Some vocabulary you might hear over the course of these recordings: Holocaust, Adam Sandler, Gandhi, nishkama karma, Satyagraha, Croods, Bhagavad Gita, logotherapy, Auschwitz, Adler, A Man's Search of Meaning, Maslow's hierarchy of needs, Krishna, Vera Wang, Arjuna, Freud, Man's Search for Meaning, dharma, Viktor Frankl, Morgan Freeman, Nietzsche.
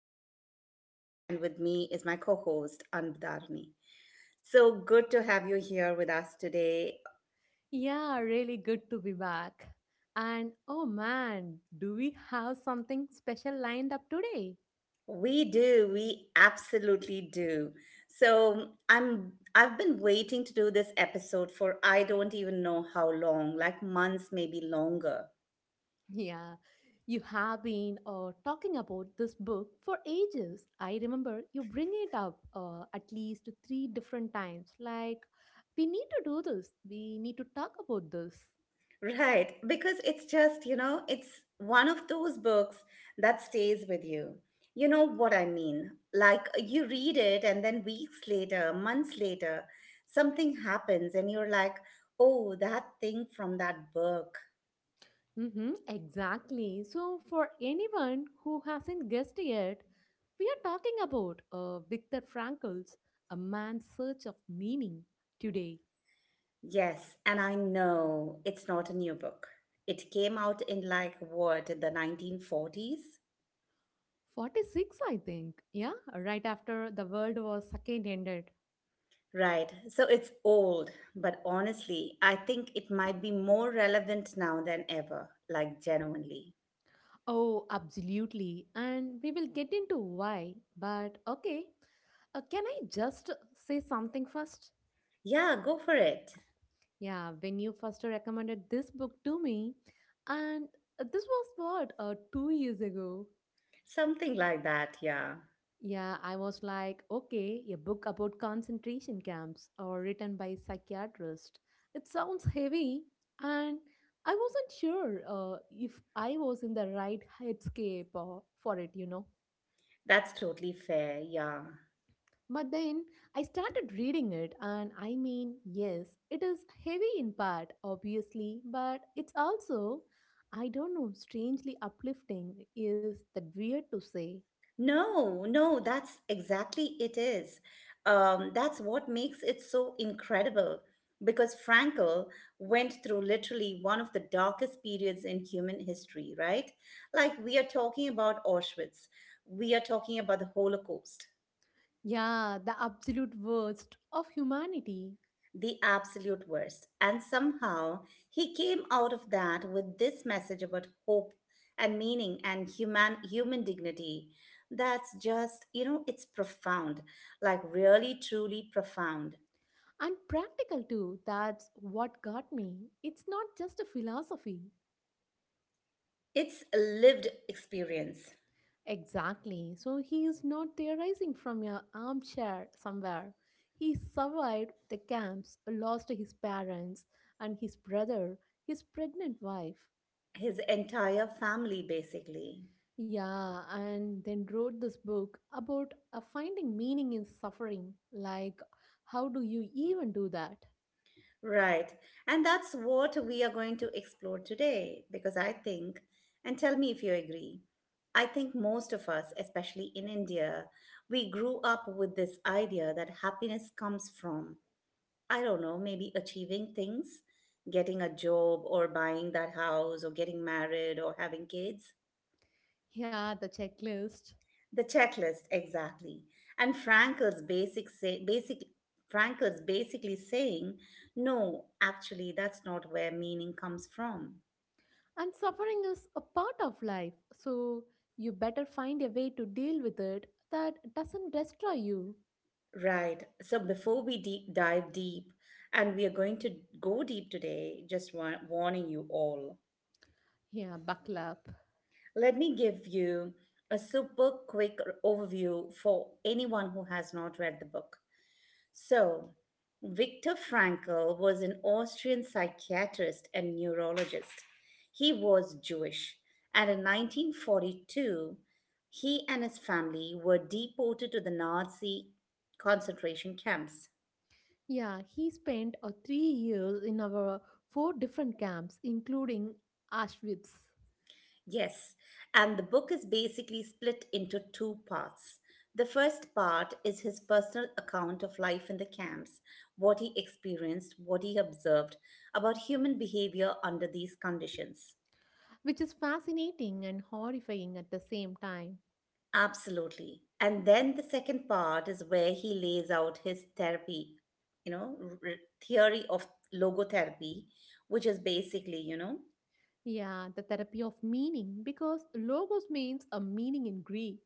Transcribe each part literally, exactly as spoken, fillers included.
your host Gayatri and with me is my co-host Anbudharani. So good to have you here with us today. Yeah, really good to be back. And oh man, do we have something special lined up today? We do, we absolutely do. So I'm I've been waiting to do this episode for I don't even know how long, like months maybe longer. Yeah, you have been uh, talking about this book for ages. I remember you bring it up uh, at least three different times. Like, we need to do this, we need to talk about this. Right, because it's just, you know, it's one of those books that stays with you. You know what I mean? Like you read it, and then weeks later, months later, something happens, and you're like, oh, that thing from that book. Mm-hmm, exactly. So, for anyone who hasn't guessed yet, we are talking about uh, Viktor Frankl's A Man's Search of Meaning today. Yes, and I know it's not a new book. It came out in like what, the nineteen forties? forty-six, I think. Yeah, right after the world was second ended. Right, so it's old, but honestly, I think it might be more relevant now than ever, like genuinely. Oh, absolutely. And we will get into why. But okay, uh, can I just say something first? Yeah, go for it. Yeah, when you first recommended this book to me, and this was what, uh, two years ago? Something like that, yeah. Yeah, I was like, okay, a book about concentration camps or written by psychiatrist. It sounds heavy, and I wasn't sure uh, if I was in the right headscape uh, for it, you know. That's totally fair, yeah. But then I started reading it, and I mean, yes, it is heavy in part, obviously, but it's also, I don't know, strangely uplifting. Is that weird to say? No, no, that's exactly it is. Um, that's what makes it so incredible because Frankel went through literally one of the darkest periods in human history, right? Like we are talking about Auschwitz, we are talking about the Holocaust, Yeah, the absolute worst of humanity. the absolute worst. And somehow he came out of that with this message about hope and meaning and human human dignity. That's just, you know, it's profound, like really truly profound. And practical too, that's what got me. It's not just a philosophy. It's a lived experience. Exactly. So he is not theorizing from your armchair somewhere. He survived the camps, lost his parents and his brother, his pregnant wife. His entire family basically. Yeah, and then wrote this book about uh, finding meaning in suffering. Like, how do you even do that? Right. And that's what we are going to explore today because I think, and tell me if you agree, I think most of us, especially in India, we grew up with this idea that happiness comes from, I don't know, maybe achieving things, getting a job or buying that house or getting married or having kids. Yeah, the checklist. The checklist, exactly. And Frankel's basic say, basic Frankel's basically saying, no, actually, that's not where meaning comes from. And suffering is a part of life, so you better find a way to deal with it that doesn't destroy you. Right. So before we deep dive deep, and we are going to go deep today, just wa- warning you all, Yeah, buckle up. let me give you a super quick overview for anyone who has not read the book. So, Viktor Frankl was an Austrian psychiatrist and neurologist. He was Jewish, and in nineteen forty-two, he and his family were deported to the Nazi concentration camps. Yeah, he spent uh, three years in our four different camps, including Auschwitz, Yes, and the book is basically split into two parts. The first part is his personal account of life in the camps, what he experienced, what he observed about human behavior under these conditions. which is fascinating and horrifying at the same time. Absolutely. And then the second part is where he lays out his therapy, you know, r- r- theory of logotherapy, which is basically, you know, Yeah, the therapy of meaning, because logos means a meaning in Greek.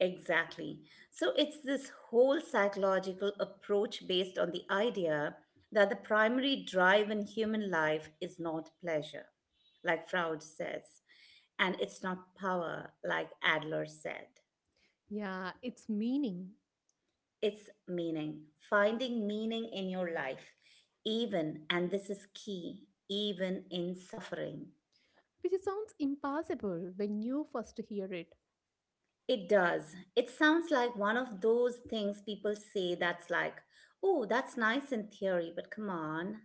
exactly. So it's this whole psychological approach based on the idea that the primary drive in human life is not pleasure, like Freud says, and it's not power, like Adler said. Yeah, it's meaning, It's meaning, finding meaning in your life, even, and this is key, even in suffering. which sounds impossible when you first hear it. It does. It sounds like one of those things people say that's like, oh, that's nice in theory, but come on.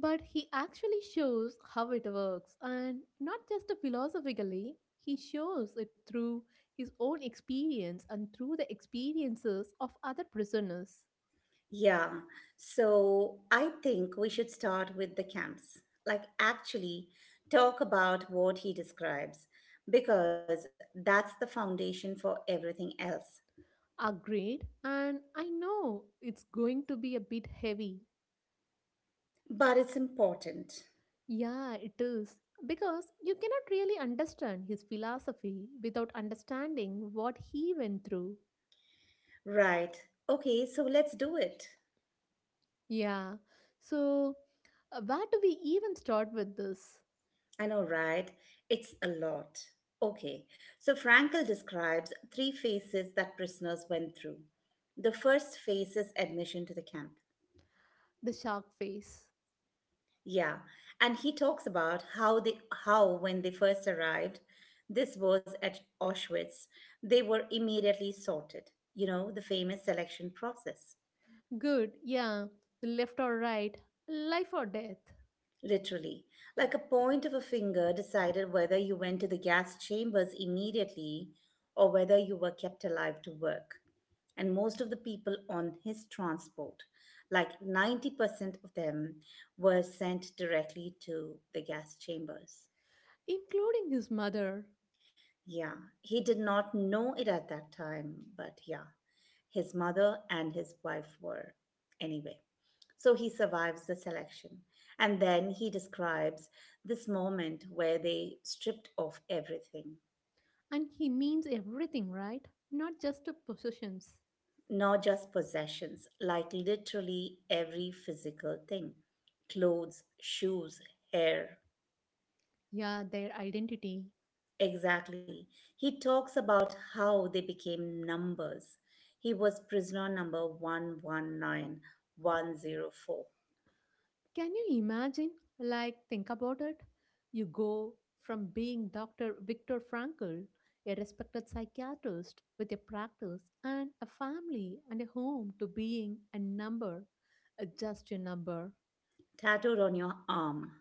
But he actually shows how it works, and not just philosophically, he shows it through his own experience and through the experiences of other prisoners. Yeah. So I think we should start with the camps, like, actually talk about what he describes, because that's the foundation for everything else. Agreed, and I know it's going to be a bit heavy. But it's important. Yeah, it is. Because you cannot really understand his philosophy without understanding what he went through. Right. Okay, so let's do it. Yeah, so uh, where do we even start with this? I know, right? It's a lot. Okay, so Frankel describes three phases that prisoners went through. The first phase is admission to the camp. The shark face. Yeah, and he talks about how they how when they first arrived, this was at Auschwitz, they were immediately sorted. You know, the famous selection process. Good, yeah, left or right, life or death, Literally, like a point of a finger decided whether you went to the gas chambers immediately or whether you were kept alive to work. And most of the people on his transport, like ninety percent of them, were sent directly to the gas chambers. including his mother. Yeah, he did not know it at that time, but yeah, his mother and his wife were. Anyway, so he survives the selection. And then he describes this moment where they stripped off everything, And he means everything, right? Not just the possessions. not just possessions, like literally every physical thing clothes, shoes, hair. Yeah, their identity. Exactly. He talks about how they became numbers. He was prisoner number one one nine one zero four, Can you imagine? Like, think about it. You go from being Doctor Viktor Frankl, a respected psychiatrist with a practice and a family and a home, to being a number, uh, just a number. tattooed on your arm.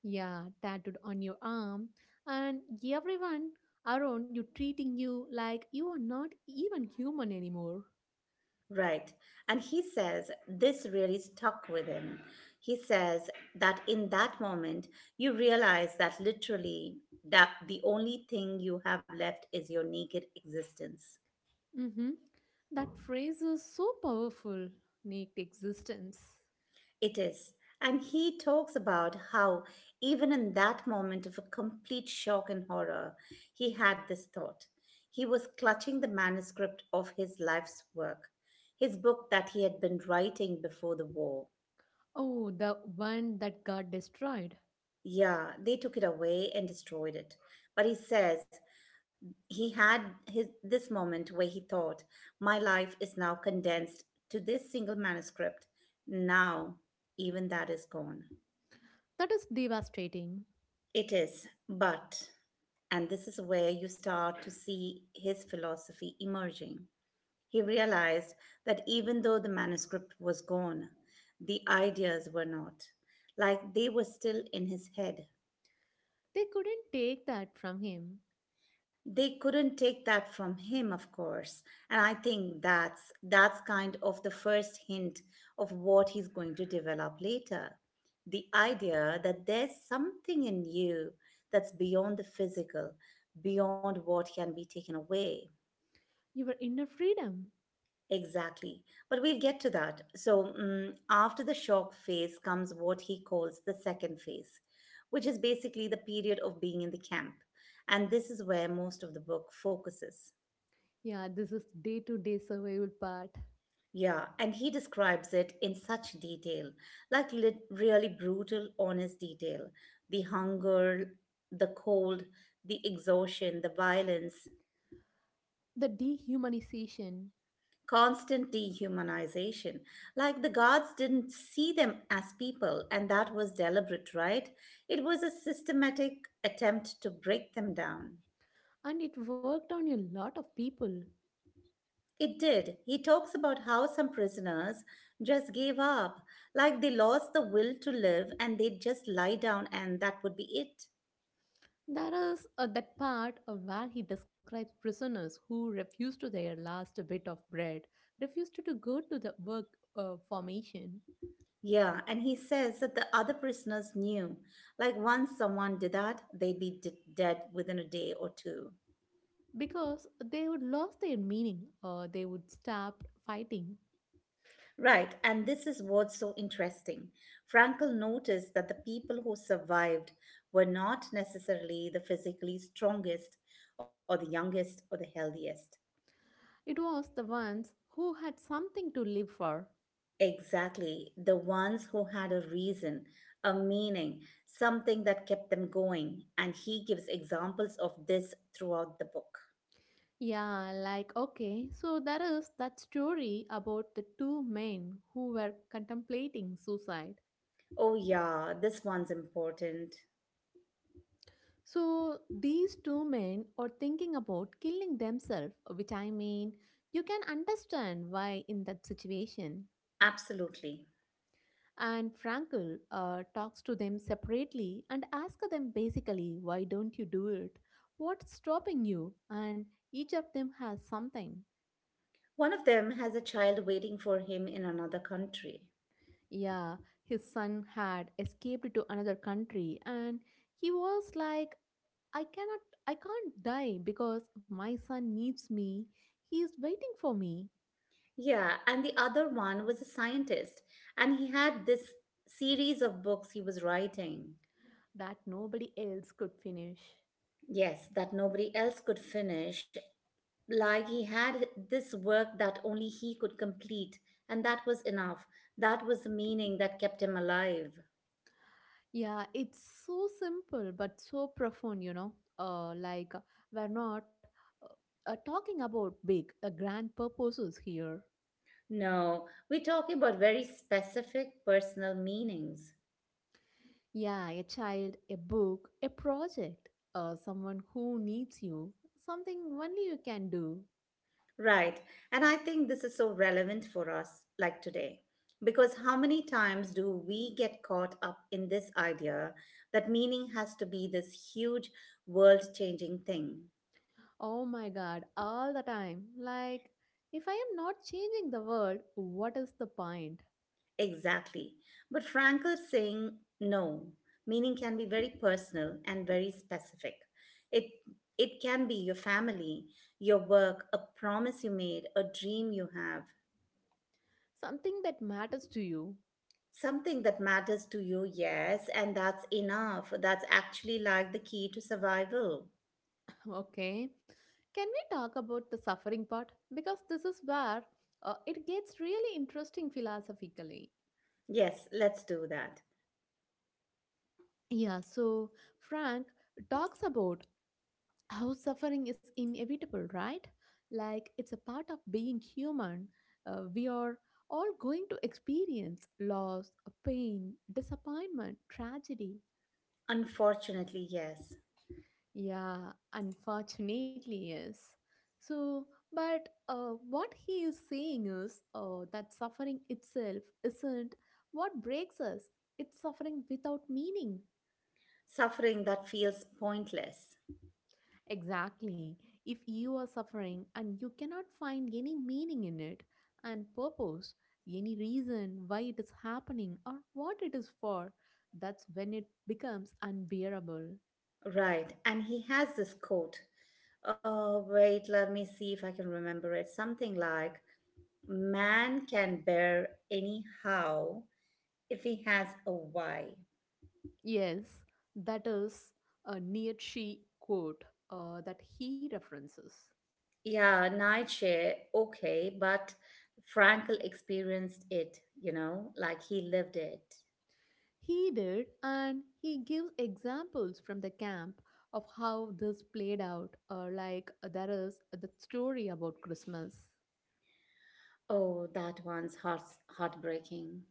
Yeah, tattooed on your arm, and everyone around you treating you like you are not even human anymore. Right. And he says this really stuck with him. He says that in that moment, you realize that literally that the only thing you have left is your naked existence. Mm-hmm. That phrase is so powerful, naked existence. It is. And he talks about how, even in that moment of a complete shock and horror, he had this thought. He was clutching the manuscript of his life's work, his book that he had been writing before the war. Oh, the one that got destroyed. Yeah, they took it away and destroyed it. But he says he had his, this moment where he thought, my life is now condensed to this single manuscript. Now, even that is gone. That is devastating. It is. But and this is where you start to see his philosophy emerging. He realized that even though the manuscript was gone, the ideas were not. Like they were still in his head. They couldn't take that from him. They couldn't take that from him, of course. And I think that's that's kind of the first hint of what he's going to develop later. The idea that there's something in you that's beyond the physical, beyond what can be taken away. Your inner freedom. Exactly. But we'll get to that. So, mm after the shock phase comes what he calls the second phase, which is basically the period of being in the camp. And this is where most of the book focuses. Yeah, this is day to day survival part. Yeah, and he describes it in such detail, like lit- really brutal, honest detail. The hunger, the cold, the exhaustion, the violence, The dehumanization. constant dehumanization. Like the guards didn't see them as people, and that was deliberate, right? It was a systematic attempt to break them down. And it worked on a lot of people. It did. He talks about how some prisoners just gave up, like they lost the will to live and they'd just lie down and that would be it. There is uh, that part uh, where he describes prisoners who refuse to their last bit of bread, refused to go to the work uh, formation Yeah, and he says that the other prisoners knew, like once someone did that, they'd be d- dead within a day or two. because they would lose their meaning or they would stop fighting. Right, and this is what's so interesting. Frankel noticed that the people who survived were not necessarily the physically strongest or the youngest or the healthiest. It was the ones who had something to live for. Exactly, the ones who had a reason, a meaning, something that kept them going, and he gives examples of this throughout the book. Yeah, like okay, so there is that story about the two men who were contemplating suicide. Oh, yeah, this one's important. So these two men are thinking about killing themselves, which I mean, you can understand why in that situation. Absolutely. And Frankel uh, talks to them separately and asks them basically, why don't you do it? What's stopping you? And each of them has something. One of them has a child waiting for him in another country. Yeah, his son had escaped to another country and he was like, I cannot, I can't die because my son needs me. He is waiting for me. Yeah, and the other one was a scientist, and he had this series of books he was writing. That nobody else could finish. Yes, that nobody else could finish. Like he had this work that only he could complete, and that was enough. That was the meaning that kept him alive. Yeah, it's so simple but so profound, you know. Uh, like, uh, we're not uh, uh, talking about big, uh, grand purposes here. No, we're talking about very specific personal meanings. Yeah, a child, a book, a project, uh, someone who needs you, something only you can do. Right. And I think this is so relevant for us, like today. Because how many times do we get caught up in this idea that meaning has to be this huge world changing thing? Oh my god, all the time. Like, if I am not changing the world, what is the point? Exactly. But Frankl is saying no, meaning can be very personal and very specific. It, it can be your family, your work, a promise you made, a dream you have. Something that matters to you. Something that matters to you, yes, and that's enough. That's actually like the key to survival. Okay. Can we talk about the suffering part? Because this is where uh, it gets really interesting philosophically. Yes, let's do that. Yeah, so Frank talks about how suffering is inevitable, right? Like it's a part of being human. Uh, we are all going to experience loss, pain, disappointment, tragedy. Unfortunately, yes. Yeah, unfortunately, yes. So, but uh, what he is saying is uh, that suffering itself isn't what breaks us, it's suffering without meaning. Suffering that feels pointless. Exactly. If you are suffering and you cannot find any meaning in it and purpose, any reason why it is happening or what it is for, that's when it becomes unbearable. Right, and he has this quote. Oh, wait, let me see if I can remember it. Something like, man can bear anyhow if he has a why. Yes, that is a Nietzsche quote uh, that he references. Yeah, Nietzsche, okay, but Frankl experienced it, you know, like he lived it. He did, and he gives examples from the camp of how this played out, uh, like uh, there is the story about Christmas. Oh, that one's heart heartbreaking.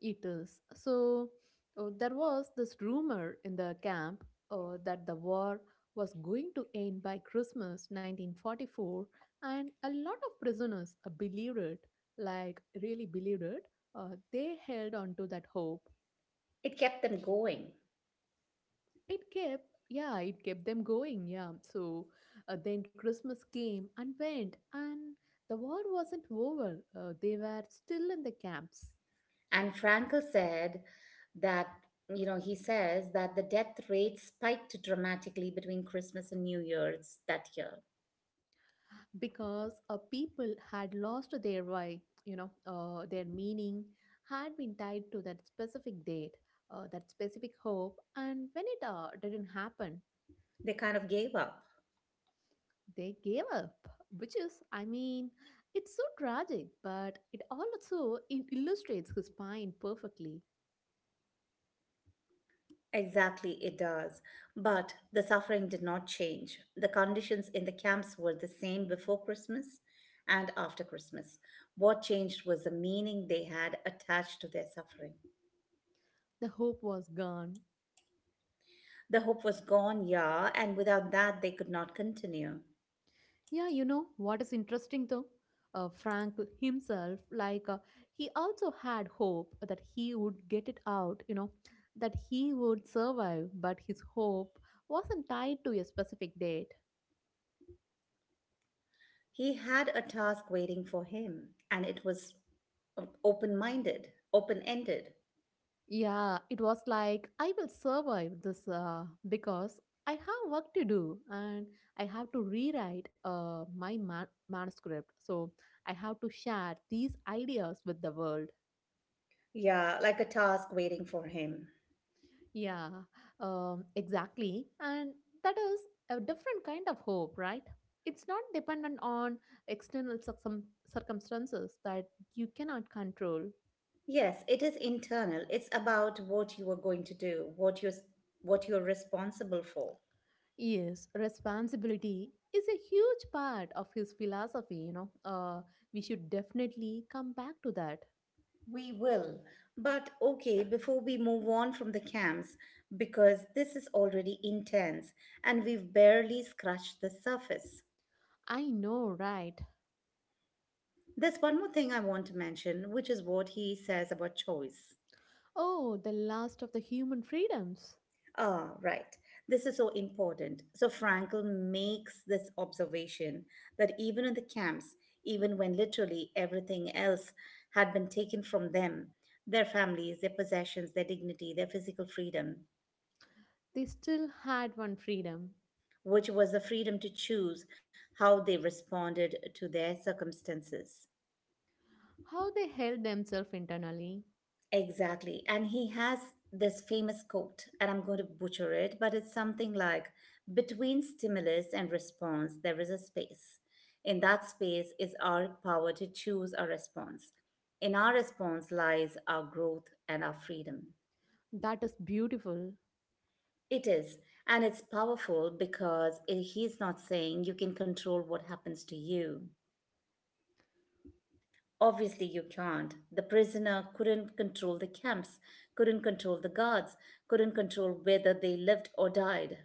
It is. So uh, there was this rumor in the camp uh, that the war was going to end by Christmas nineteen forty-four, and a lot of prisoners uh, believed it, like really believed it. Uh, they held on to that hope. It kept them going. It kept, yeah, it kept them going, yeah. So uh, then Christmas came and went, and the war wasn't over. Uh, they were still in the camps. And Frankl said that, you know, he says that the death rate spiked dramatically between Christmas and New Year's that year. Because a people had lost their way, you know uh, their meaning had been tied to that specific date, uh, that specific hope, and when it uh, didn't happen, They kind of gave up. they gave up, which is, I mean, it's so tragic but it also it illustrates his point perfectly. Exactly, it does. But the suffering did not change. The conditions in the camps were the same before Christmas and after Christmas. What changed was the meaning they had attached to their suffering. The hope was gone. The hope was gone, yeah, and without that they could not continue. Yeah, you know what is interesting though? Uh, Frank himself, like, uh, he also had hope that he would get it out, you know, that he would survive, but his hope wasn't tied to a specific date. He had a task waiting for him, and it was open minded, open ended. Yeah, it was like, I will survive this uh, because I have work to do and I have to rewrite uh, my ma- manuscript. So I have to share these ideas with the world. Yeah, like a task waiting for him. Yeah, um, exactly. And that is a different kind of hope, right? It's not dependent on external circum- circumstances that you cannot control. Yes, it is internal. It's about what you are going to do, what you're what you're responsible for. Yes, responsibility is a huge part of his philosophy, you know. Uh, we should definitely come back to that. We will. But okay, before we move on from the camps, because this is already intense and we've barely scratched the surface. I know, right? There's one more thing I want to mention, which is what he says about choice. Oh, the last of the human freedoms. Ah, right. This is so important. So Frankl makes this observation that even in the camps, even when literally everything else had been taken from them, their families, their possessions, their dignity, their physical freedom, They still had one freedom. which was the freedom to choose how they responded to their circumstances. How they held themselves internally. Exactly. And he has this famous quote, and I'm going to butcher it, but it's something like between stimulus and response, there is a space. In that space is our power to choose our response. In our response lies our growth and our freedom. That is beautiful. It is. And it's powerful because it, he's not saying you can control what happens to you. Obviously, you can't. The prisoner couldn't control the camps, couldn't control the guards, couldn't control whether they lived or died.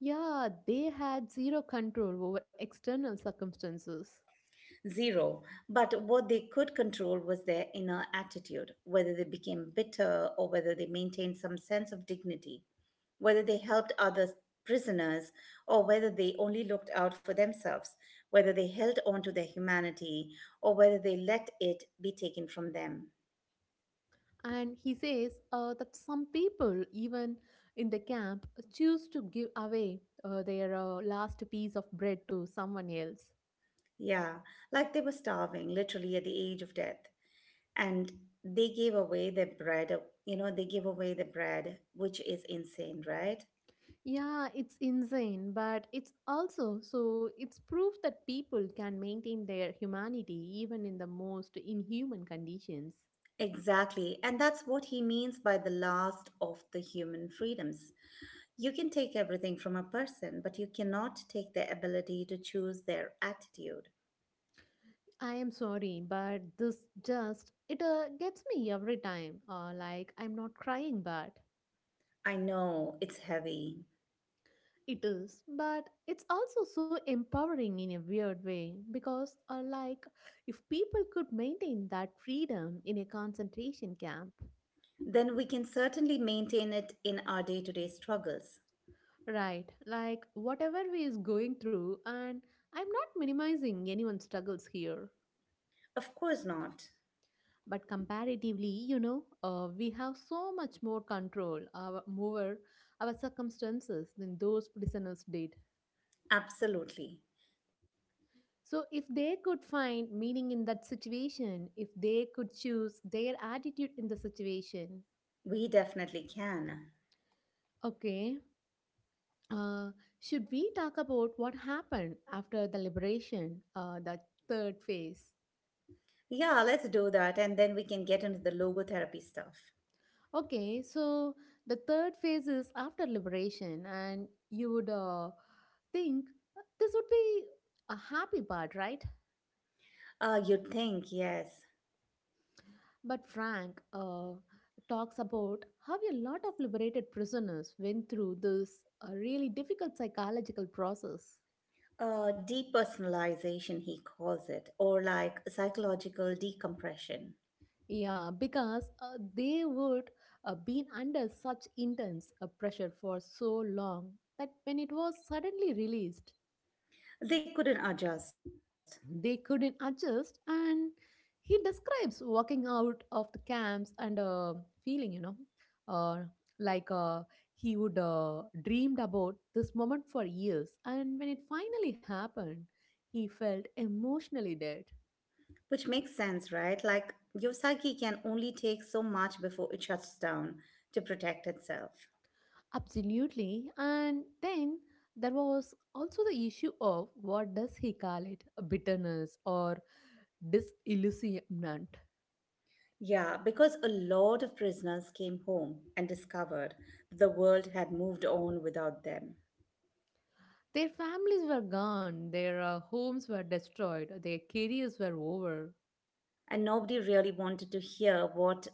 Yeah, they had zero control over external circumstances. Zero. But what they could control was their inner attitude, whether they became bitter or whether they maintained some sense of dignity, whether they helped other prisoners or whether they only looked out for themselves, whether they held on to their humanity or whether they let it be taken from them. And he says uh, that some people, even in the camp, choose to give away uh, their uh, last piece of bread to someone else. Yeah, like they were starving, literally at the age of death. And they gave away their bread, uh, you know, they give away the bread, which is insane, right? Yeah, it's insane, but it's also so it's proof that people can maintain their humanity even in the most inhuman conditions. Exactly. And that's what he means by the last of the human freedoms. You can take everything from a person, but you cannot take their ability to choose their attitude. I am sorry, but this just it uh, gets me every time. Uh, like I'm not crying, but I know it's heavy. it is. But it's also so empowering in a weird way because, uh, like, if people could maintain that freedom in a concentration camp, Then we can certainly maintain it in our day to day struggles. right? Like whatever we is going through, and I'm not minimizing anyone's struggles here. Of course not. But comparatively, you know, uh, we have so much more control our, over our circumstances than those prisoners did. Absolutely. So, if they could find meaning in that situation, if they could choose their attitude in the situation, We definitely can. okay. Uh, should we talk about what happened after the liberation, uh, the third phase? Yeah, let's do that, and then we can get into the logotherapy stuff. Okay, so the third phase is after liberation, and you would uh, think uh, this would be a happy part, right? Uh, you'd think, yes. But Frank uh, talks about how a lot of liberated prisoners went through this uh, really difficult psychological process. Uh, depersonalization, he calls it, or like psychological decompression. Yeah, because uh, they would uh, been under such intense uh, pressure for so long that when it was suddenly released, They couldn't adjust, they couldn't adjust, and he describes walking out of the camps and uh, feeling, you know uh, like uh, he would uh, dreamed about this moment for years, and when it finally happened he felt emotionally dead. which makes sense, right? Like, your psyche can only take so much before it shuts down to protect itself. Absolutely. And then there was also the issue of, what does he call it, bitterness or disillusionment. Yeah, because a lot of prisoners came home and discovered the world had moved on without them. Their families were gone, their uh, homes were destroyed, their careers were over. And nobody really wanted to hear what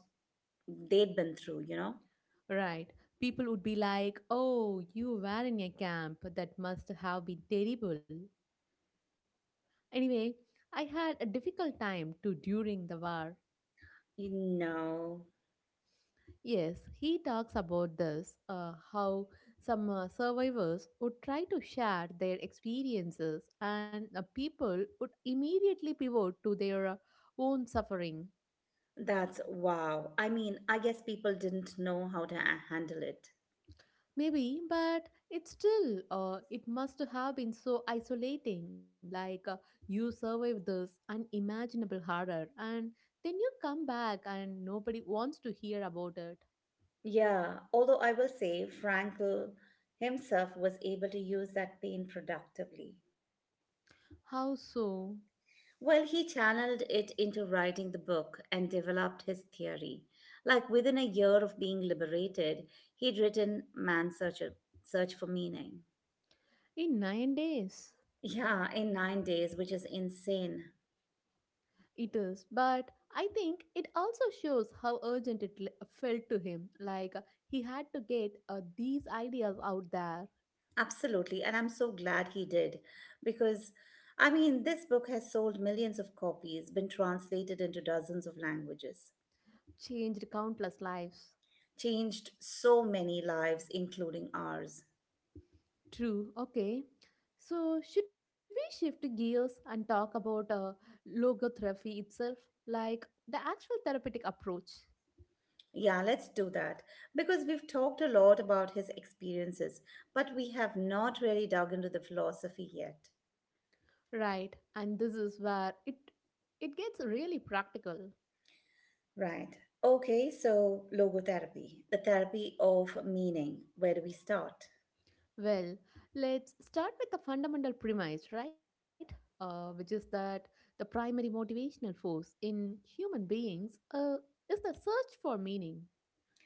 they'd been through, you know? Right. People would be like, oh, you were in a camp. That must have been terrible. Anyway, I had a difficult time too during the war. You know, Yes, he talks about this, uh, how some uh, survivors would try to share their experiences, and uh, people would immediately pivot to their uh, own suffering. that's wow. I mean, I guess people didn't know how to a- handle it. Maybe, but it still, uh, it must have been so isolating. Like uh, you survive this unimaginable horror and then you come back and nobody wants to hear about it. Yeah, although I will say Frankl himself was able to use that pain productively. How so? Well, he channeled it into writing the book and developed his theory. Like within a year of being liberated, he'd written Man's Search, Search for Meaning. In nine days. Yeah, in nine days, which is insane. It is, but I think it also shows how urgent it l- felt to him. Like uh, he had to get uh, these ideas out there, Absolutely, and I'm so glad he did because I mean, this book has sold millions of copies, been translated into dozens of languages, changed countless lives. changed so many lives, including ours. True. Okay. So, should we shift gears and talk about uh, logotherapy itself, like the actual therapeutic approach? Yeah, let's do that because we've talked a lot about his experiences, but we have not really dug into the philosophy yet. Right. And this is where it it gets really practical. Right. Okay, so logotherapy, the therapy of meaning. Where do we start? Well, let's start with the fundamental premise, right? Uh, which is that the primary motivational force in human beings uh, is the search for meaning,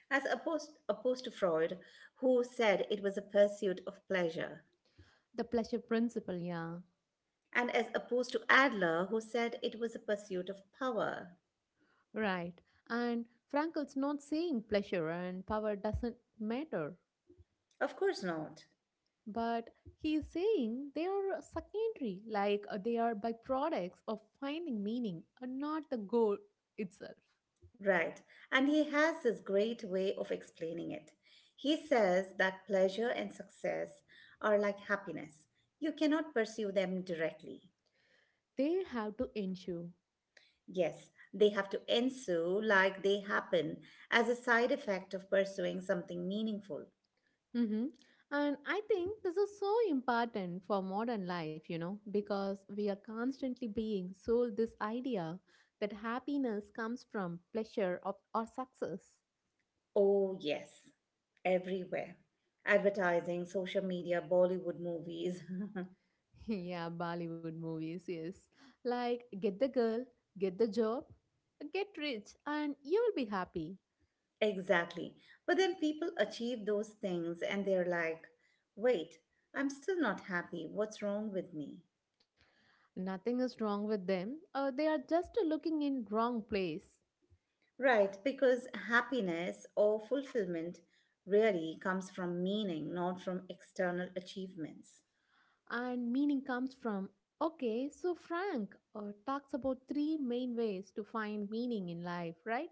as opposed, opposed to Freud, who said it was a pursuit of pleasure, the pleasure principle, yeah. and as opposed to Adler, who said it was a pursuit of power. Right. And Frankel's not saying pleasure and power doesn't matter, Of course not. but he is saying they are secondary, like uh, they are byproducts of finding meaning and not the goal itself. Right. And he has this great way of explaining it. He says that pleasure and success are like happiness. You cannot pursue them directly. They have to ensure. Yes, they have to ensue like they happen as a side effect of pursuing something meaningful. hmm And I think this is so important for modern life, you know, because we are constantly being sold this idea that happiness comes from pleasure of, or success. Oh, yes, everywhere. Advertising, social media, Bollywood movies. Yeah, Bollywood movies, yes. Like Get the Girl, Get the Job, Get Rich, and You Will Be Happy. Exactly. But then people achieve those things and they're like, wait, I'm still not happy. What's wrong with me? Nothing is wrong with them. Uh, they are just looking in wrong place. Right, because happiness or fulfillment really comes from meaning, not from external achievements. And meaning comes from okay, so Frank uh, talks about three main ways to find meaning in life, right?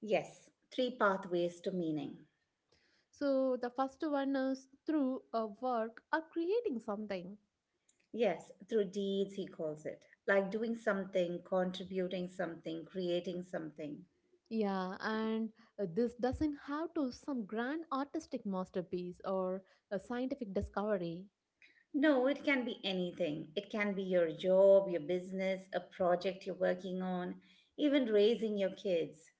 Yes, three pathways to meaning. So the first one is through a work or creating something. Yes, through deeds, he calls it. Like doing something, contributing something, creating something. Yeah, and uh, this doesn't have to some grand artistic masterpiece or a scientific discovery. No, it can be anything. It can be your job, your business, a project you're working on, even raising your kids.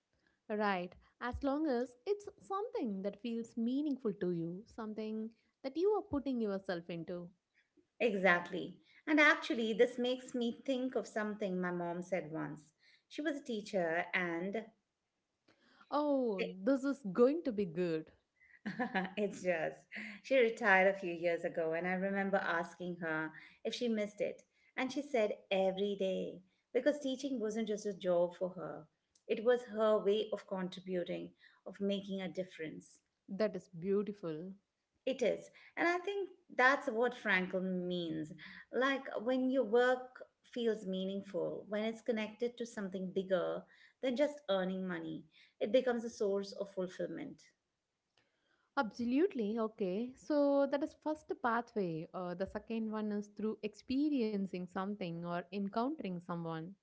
Right, as long as it's something that feels meaningful to you, something that you are putting yourself into. Exactly. And actually, this makes me think of something my mom said once. She was a teacher and Oh, this is going to be good. it's just, she retired a few years ago, and I remember asking her if she missed it. And she said every day, because teaching wasn't just a job for her, it was her way of contributing, of making a difference. That is beautiful. It is. And I think that's what Frankel means. Like when your work feels meaningful, when it's connected to something bigger than just earning money, it becomes a source of fulfillment Absolutely, okay. So that is first pathway. Uh, the second one is through experiencing something or encountering someone.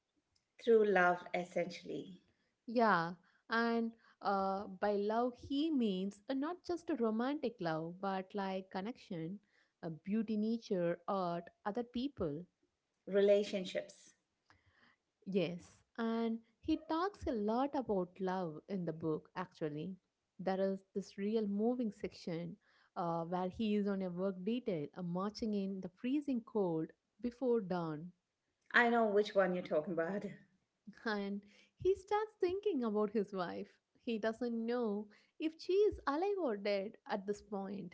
through love, essentially. Yeah, and uh, by love, he means uh, not just a romantic love, but like connection, uh, beauty, nature, art, other people. Relationships. Yes, and he talks a lot about love in the book, actually. There is this real moving section uh, where he is on a work detail, uh, marching in the freezing cold before dawn. I know which one you're talking about. And he starts thinking about his wife. He doesn't know if she is alive or dead at this point.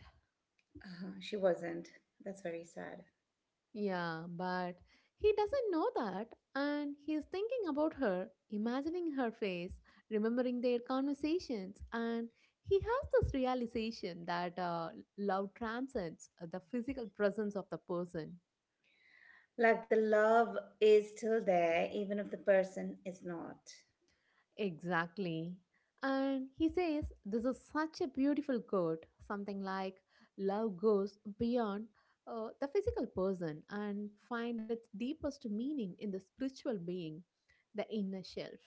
Uh, she wasn't. That's very sad. Yeah, but he doesn't know that. And he is thinking about her, imagining her face, remembering their conversations. And he has this realization that uh, love transcends uh, the physical presence of the person. Like the love is still there, even if the person is not. Exactly. And he says, this is such a beautiful quote, something like, love goes beyond uh, the physical person and find its deepest meaning in the spiritual being, the inner self.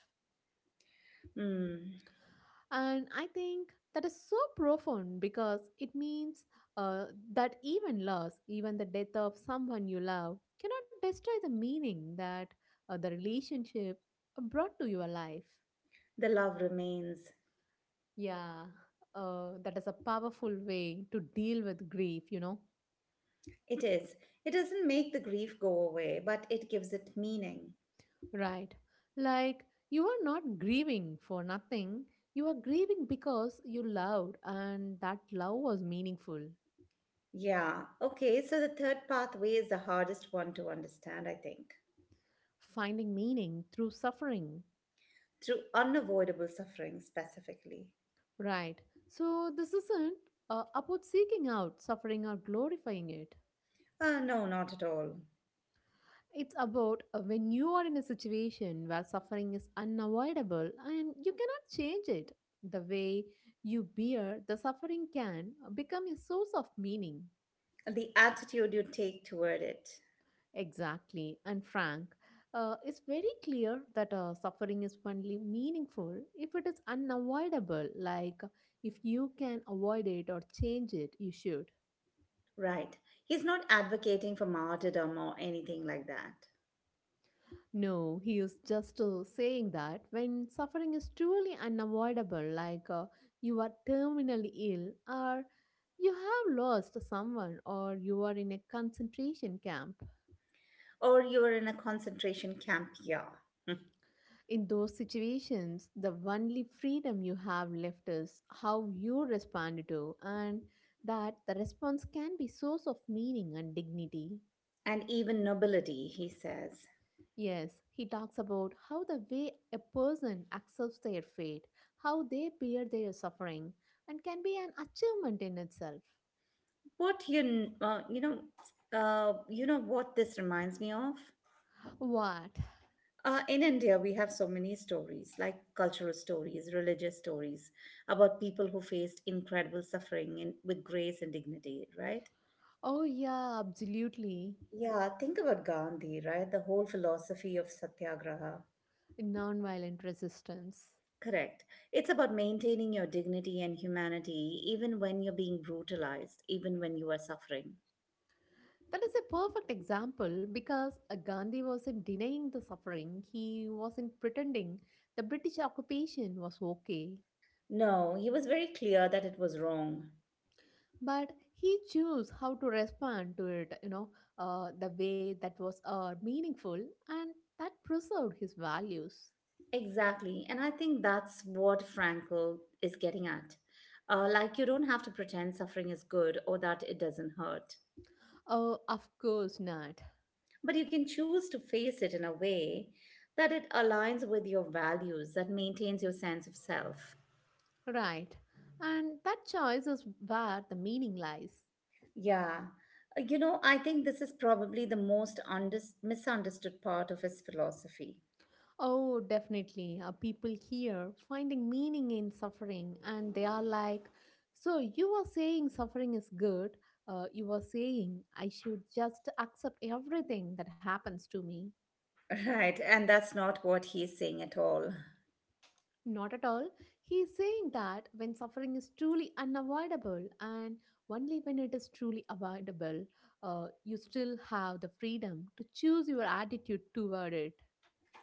Hmm. And I think that is so profound because it means uh, that even loss, even the death of someone you love, cannot destroy the meaning that uh, the relationship brought to your life. The love remains. Yeah, uh, that is a powerful way to deal with grief, you know, It is. It doesn't make the grief go away, but it gives it meaning. right? Like, you are not grieving for nothing, you are grieving because you loved, and that love was meaningful. Yeah. Okay. So the third pathway is the hardest one to understand, I think. Finding meaning through suffering, Through unavoidable suffering, specifically. right? So, this isn't uh, about seeking out suffering or glorifying it. Uh, no, not at all. It's about uh, when you are in a situation where suffering is unavoidable and you cannot change it. The way you bear the suffering can become a source of meaning. The attitude you take toward it. Exactly. And Frank, uh, it's very clear that uh, suffering is only meaningful if it is unavoidable. Like if you can avoid it or change it, you should. Right. He's not advocating for martyrdom or anything like that. No, he is just uh, saying that when suffering is truly unavoidable, like uh, you are terminally ill, or you have lost someone, or you are in a concentration camp, Or you are in a concentration camp, yeah. in those situations, the only freedom you have left is how you respond to, and that the response can be source of meaning and dignity. And even nobility he says. Yes, he talks about how the way a person accepts their fate, how they bear their suffering, and can be an achievement in itself. What you kn- uh, you know uh, you know what this reminds me of? What? Uh, in India, we have so many stories, like cultural stories, religious stories, about people who faced incredible suffering in, with grace and dignity, right? Oh, yeah, absolutely. Yeah, think about Gandhi, right? The whole philosophy of Satyagraha. Nonviolent resistance. Correct. It's about maintaining your dignity and humanity, even when you're being brutalized, even when you are suffering. That is a perfect example because uh, Gandhi wasn't denying the suffering, he wasn't pretending the British occupation was okay. No, he was very clear that it was wrong. But he chose how to respond to it, you know, uh, the way that was uh, meaningful and that preserved his values. Exactly. And I think that's what Frankl is getting at. Uh, like, you don't have to pretend suffering is good or that it doesn't hurt, Oh, of course not. but you can choose to face it in a way that it aligns with your values, that maintains your sense of self. Right, and that choice is where the meaning lies. Yeah. Uh, You know, I think this is probably the most unders misunderstood part of his philosophy. Oh, definitely. Uh, people here finding meaning in suffering and they are like, so you are saying suffering is good, uh, you are saying I should just accept everything that happens to me. Right. And that's not what he's saying at all. Not at all. He is saying that when suffering is truly unavoidable and only when it is truly avoidable, uh, you still have the freedom to choose your attitude toward it.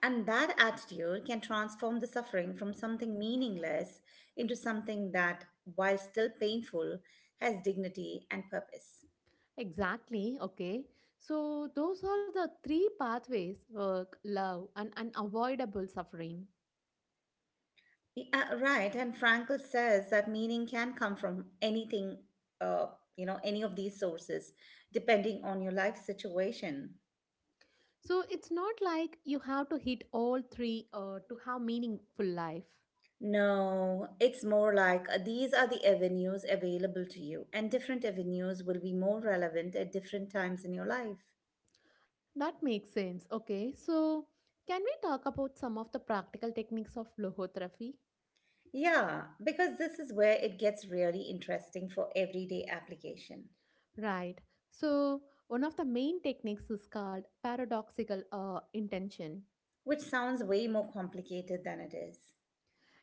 And that attitude can transform the suffering from something meaningless into something that, while still painful, has dignity and purpose. Exactly. Okay. So, those are the three pathways: work, love, and unavoidable suffering. Yeah, right, and Frankl says that meaning can come from anything, uh, you know, any of these sources, depending on your life situation. So, it's not like you have to hit all three uh, to have meaningful life. No, it's more like uh, these are the avenues available to you, and different avenues will be more relevant at different times in your life. That makes sense. Okay, so can we talk about some of the practical techniques of logotherapy? Yeah, because this is where it gets really interesting for everyday application, Right. So one of the main techniques is called paradoxical uh, intention. which sounds way more complicated than it is.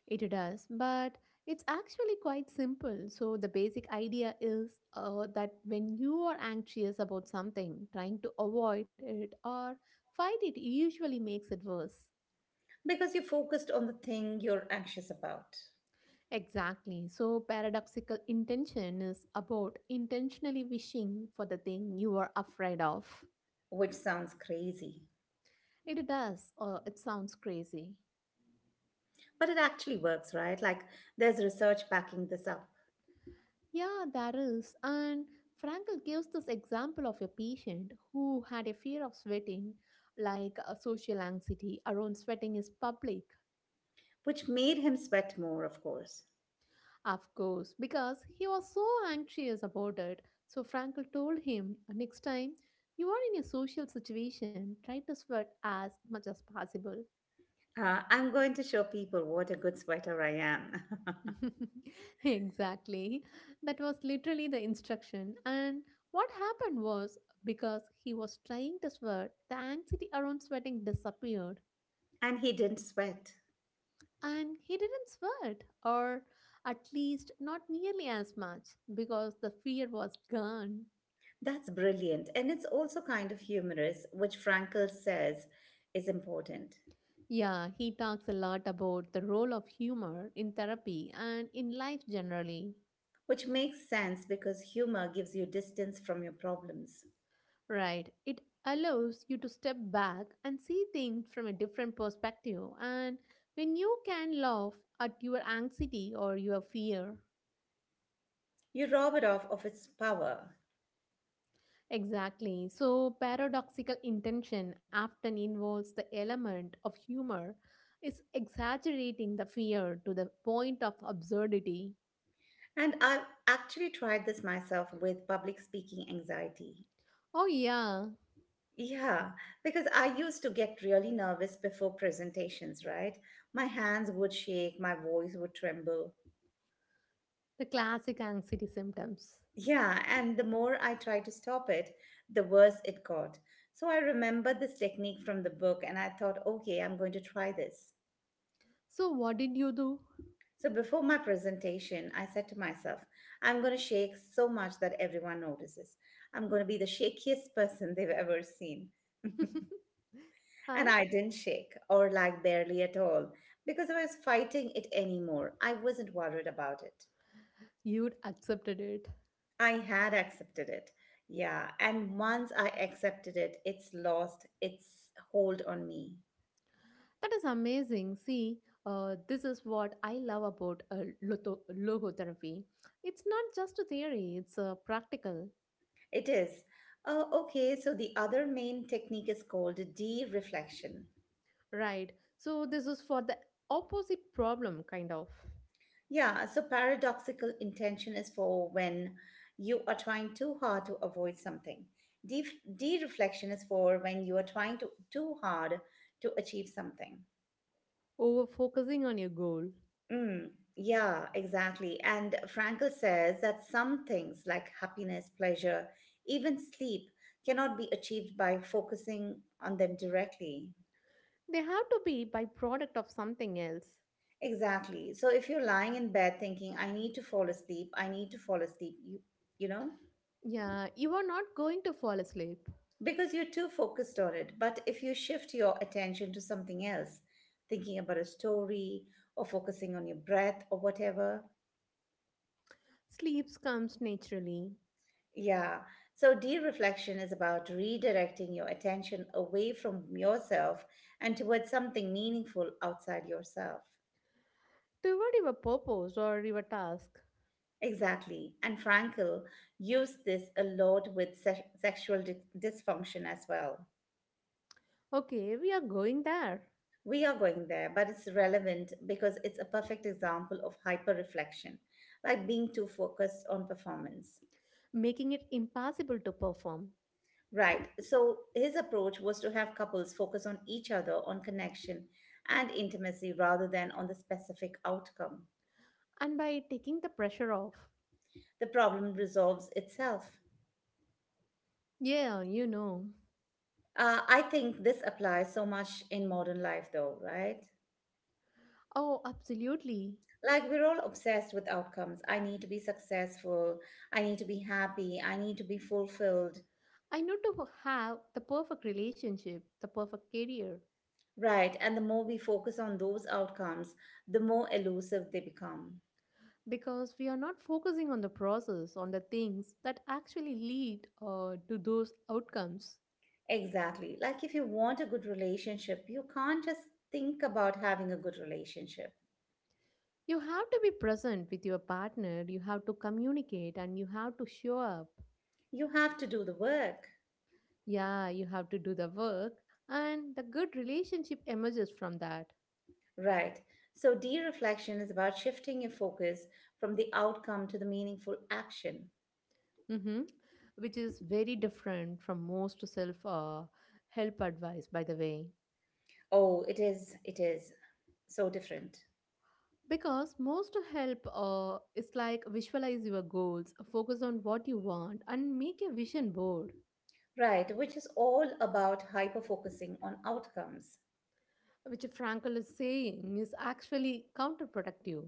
It does, but it's actually quite simple. So the basic idea is uh, that when you are anxious about something, trying to avoid it or fight it usually makes it worse. Because you're focused on the thing you're anxious about, Exactly. So, paradoxical intention is about intentionally wishing for the thing you are afraid of. which sounds crazy. It does, or it sounds crazy. But it actually works, right? Like there's research backing this up, Yeah, that is. And Frankel gives this example of a patient who had a fear of sweating, like a social anxiety around sweating is public, which made him sweat more, of course. of course, because he was so anxious about it. So, Frankel told him, next time you are in a social situation, try to sweat as much as possible. Uh, I'm going to show people what a good sweater I am. Exactly. That was literally the instruction. And what happened was, because he was trying to sweat, the anxiety around sweating disappeared. And he didn't sweat. And he didn't sweat, or at least not nearly as much, because the fear was gone. That's brilliant. And it's also kind of humorous, which Frankel says is important. Yeah, he talks a lot about the role of humor in therapy and in life generally. Which makes sense because humor gives you distance from your problems. Right. It allows you to step back and see things from a different perspective. And when you can laugh at your anxiety or your fear. You rob it off of its power. Exactly. So, paradoxical intention often involves the element of humor, is exaggerating the fear to the point of absurdity. And I've actually tried this myself with public speaking anxiety. Oh, yeah, Yeah, because I used to get really nervous before presentations, right? My hands would shake, my voice would tremble. the classic anxiety symptoms. Yeah, and the more I tried to stop it, the worse it got. So I remembered this technique from the book and I thought, okay, I'm going to try this. So, what did you do? So before my presentation, I said to myself, I'm going to shake so much that everyone notices. I'm going to be the shakiest person they've ever seen. And And I didn't shake, or like barely at all, because I was fighting it anymore. I wasn't worried about it. you'd accepted it. I had accepted it. Yeah, and once I accepted it, it's lost its hold on me. That is amazing. See, uh, this is what I love about uh, loto- logotherapy. It's not just a theory, it's uh, practical, It is. Oh, okay, so the other main technique is called de reflection. right? So, this is for the opposite problem, kind of Yeah, so paradoxical intention is for when you are trying too hard to avoid something. De- De-reflection is for when you are trying to too hard to achieve something. over focusing on your goal. Mm, yeah, exactly. And Frankel says that some things like happiness, pleasure, even sleep cannot be achieved by focusing on them directly. They have to be byproduct of something else. Exactly. So if you're lying in bed thinking, I need to fall asleep, I need to fall asleep, you you know? Yeah, you are not going to fall asleep. Because you're too focused on it. But if you shift your attention to something else, thinking about a story or focusing on your breath or whatever, Sleep comes naturally yeah. So, de reflection is about redirecting your attention away from yourself and towards something meaningful outside yourself. toward your purpose or your task. Exactly. And Frankl used this a lot with se- sexual di- dysfunction as well. Okay, we are going there, We are going there, but it's relevant because it's a perfect example of hyper reflection, like being too focused on performance. making it impossible to perform. Right, so his approach was to have couples focus on each other, on connection and intimacy rather than on the specific outcome. And by taking the pressure off. The problem resolves itself. Yeah, you know. Uh, I think this applies so much in modern life, though, right? Oh, absolutely. Like, we're all obsessed with outcomes. I need to be successful. I need to be happy. I need to be fulfilled. I need to have the perfect relationship, the perfect career, Right, and the more we focus on those outcomes, the more elusive they become. because we are not focusing on the process, on the things that actually lead uh, to those outcomes. Exactly. Like if you want a good relationship, you can't just think about having a good relationship. You have to be present with your partner, you have to communicate, and you have to show up. You have to do the work. Yeah, you have to do the work, and the good relationship emerges from that. Right. So, de reflection is about shifting your focus from the outcome to the meaningful action. Mm-hmm. Which is very different from most self uh, help advice, by the way. Oh, it is, it is so different. Because most help uh, is like visualize your goals, focus on what you want, and make a vision board, Right, which is all about hyper focusing on outcomes. which Frankel is saying is actually counterproductive.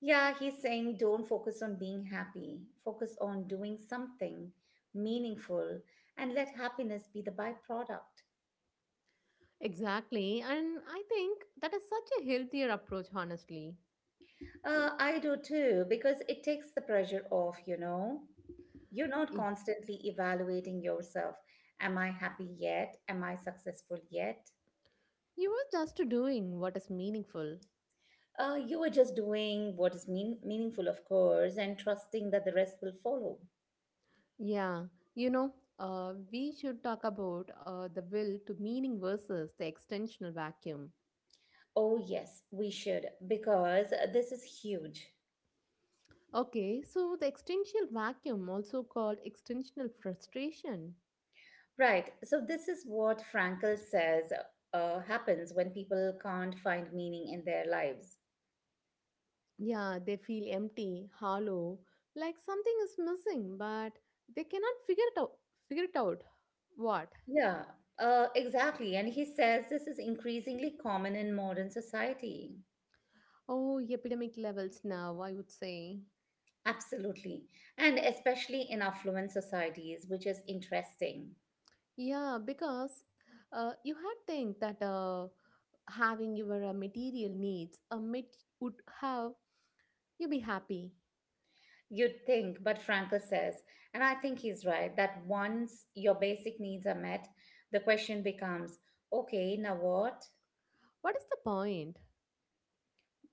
Yeah, he's saying don't focus on being happy, focus on doing something meaningful and let happiness be the byproduct. Exactly, and I think that is such a healthier approach, honestly. Uh, I do too, because it takes the pressure off, you know. You're not Y- constantly evaluating yourself. Am I happy yet? Am I successful yet? You are just doing what is meaningful. Uh, you are just doing what is mean- meaningful, of course, and trusting that the rest will follow. Yeah, you know, uh, we should talk about uh, the will to meaning versus the extensional vacuum. Oh, yes, we should, because this is huge. Okay, so the extensional vacuum, also called extensional frustration, Right. So, this is what Frankl says uh, happens when people can't find meaning in their lives. yeah, they feel empty, hollow, like something is missing, but they cannot figure it out. Figure it out. What? Yeah, uh, exactly. And he says this is increasingly common in modern society. Oh, epidemic levels now, I would say. Absolutely. And especially in affluent societies, which is interesting. Yeah, because uh, you had think that uh, having your uh, material needs a mit would have you be happy. You'd think, but Frankl says, and I think he's right, that once your basic needs are met, the question becomes okay, now what? What is the point?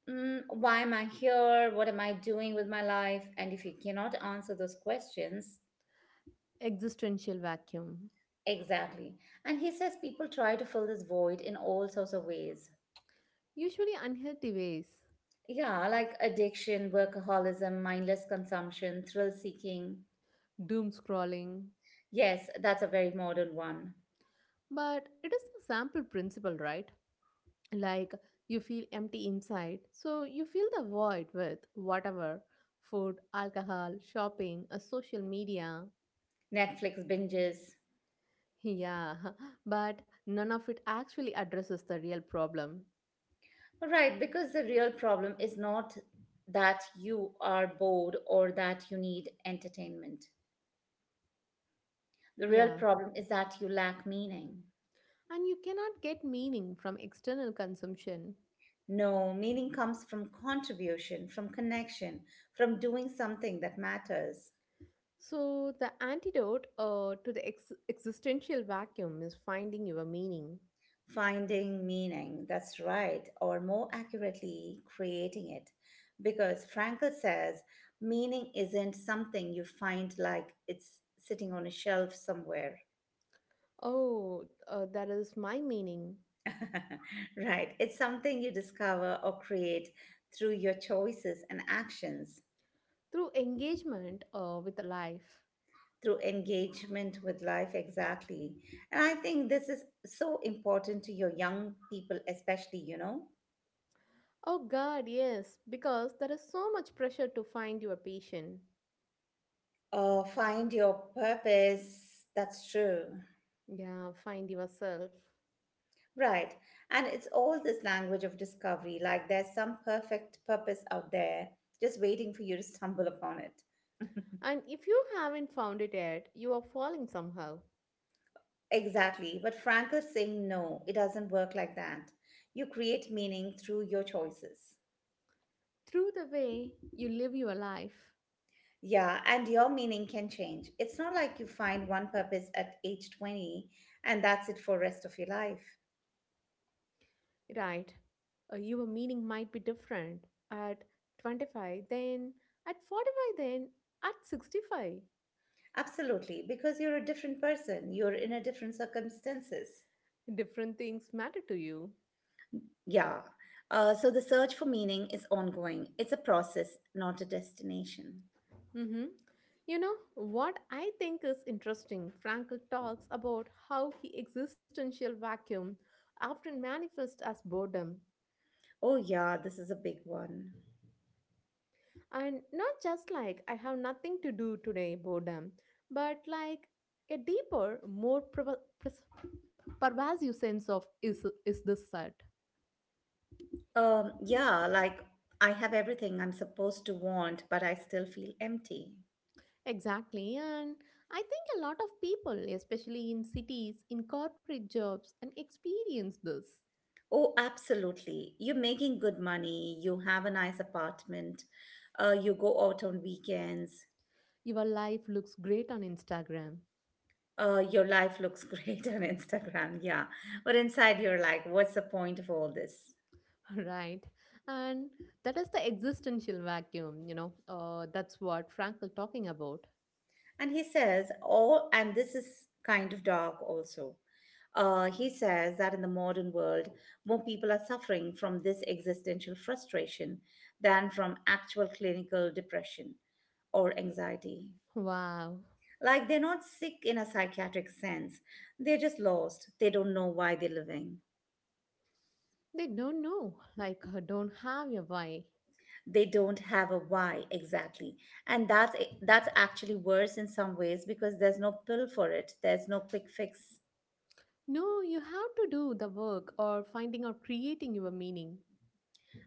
Mm, why am I here? What am I doing with my life? And if you cannot answer those questions, Existential vacuum. exactly. And he says people try to fill this void in all sorts of ways. Usually unhealthy ways. Yeah, like addiction, workaholism, mindless consumption, thrill seeking. Doom scrolling. Yes, that's a very modern one. But it is the sample principle, right? Like you feel empty inside, so you fill the void with whatever food, alcohol, shopping, a social media. Netflix binges. Yeah, but none of it actually addresses the real problem. Right, because the real problem is not that you are bored or that you need entertainment. The real Yeah, problem is that you lack meaning. and you cannot get meaning from external consumption. No, meaning comes from contribution, from connection, from doing something that matters. So, the antidote uh, to the ex- existential vacuum is finding your meaning. Finding meaning, that's right, or more accurately, creating it. Because Frankl says meaning isn't something you find like it's sitting on a shelf somewhere. Oh, uh, that is my meaning Right, it's something you discover or create through your choices and actions. through engagement uh, with life. Through engagement with life exactly. And I think this is so important to your young people especially you know Oh, God, yes, because there is so much pressure to find your passion. uh, find your purpose, that's true. Yeah, find yourself. Right, and it's all this language of discovery, like there's some perfect purpose out there just waiting for you to stumble upon it. And if you haven't found it yet, you are falling somehow. Exactly, but Frank is saying no, it doesn't work like that. You create meaning through your choices. Through the way you live your life, Yeah, and your meaning can change. It's not like you find one purpose at age twenty and that's it for rest of your life. right? Uh, your meaning might be different at twenty-five, then at forty-five, then at sixty-five. Absolutely, because you're a different person, you're in a different circumstances. Different things matter to you. Yeah. Uh, so the search for meaning is ongoing. It's a process, not a destination. Mm-hmm. You know, what I think is interesting, Frankl talks about how he existential vacuum often manifests as boredom. Oh yeah, this is a big one. And not just like I have nothing to do today boredom, but like a deeper, more provo- pres- pervasive sense of is is this set. Um, yeah, like I have everything I'm supposed to want, but I still feel empty. Exactly, and I think a lot of people, especially in cities, in corporate jobs, and experience this. Oh, absolutely. You're making good money, you have a nice apartment, uh, you go out on weekends, Your life looks great on Instagram, uh, your life looks great on Instagram, yeah. But inside, you're like, what's the point of all this? right? And that is the existential vacuum, you know. Uh, that's what Frankl talking about. And he says, oh, and this is kind of dark also. Uh, he says that in the modern world, more people are suffering from this existential frustration than from actual clinical depression or anxiety. Wow, Like they're not sick in a psychiatric sense. They're just lost. They don't know why they're living. they don't know, like uh, don't have your why. They don't have a why exactly. And that's that's actually worse in some ways because there's no pill for it. There's no quick fix. No, you have to do the work or finding or creating your meaning.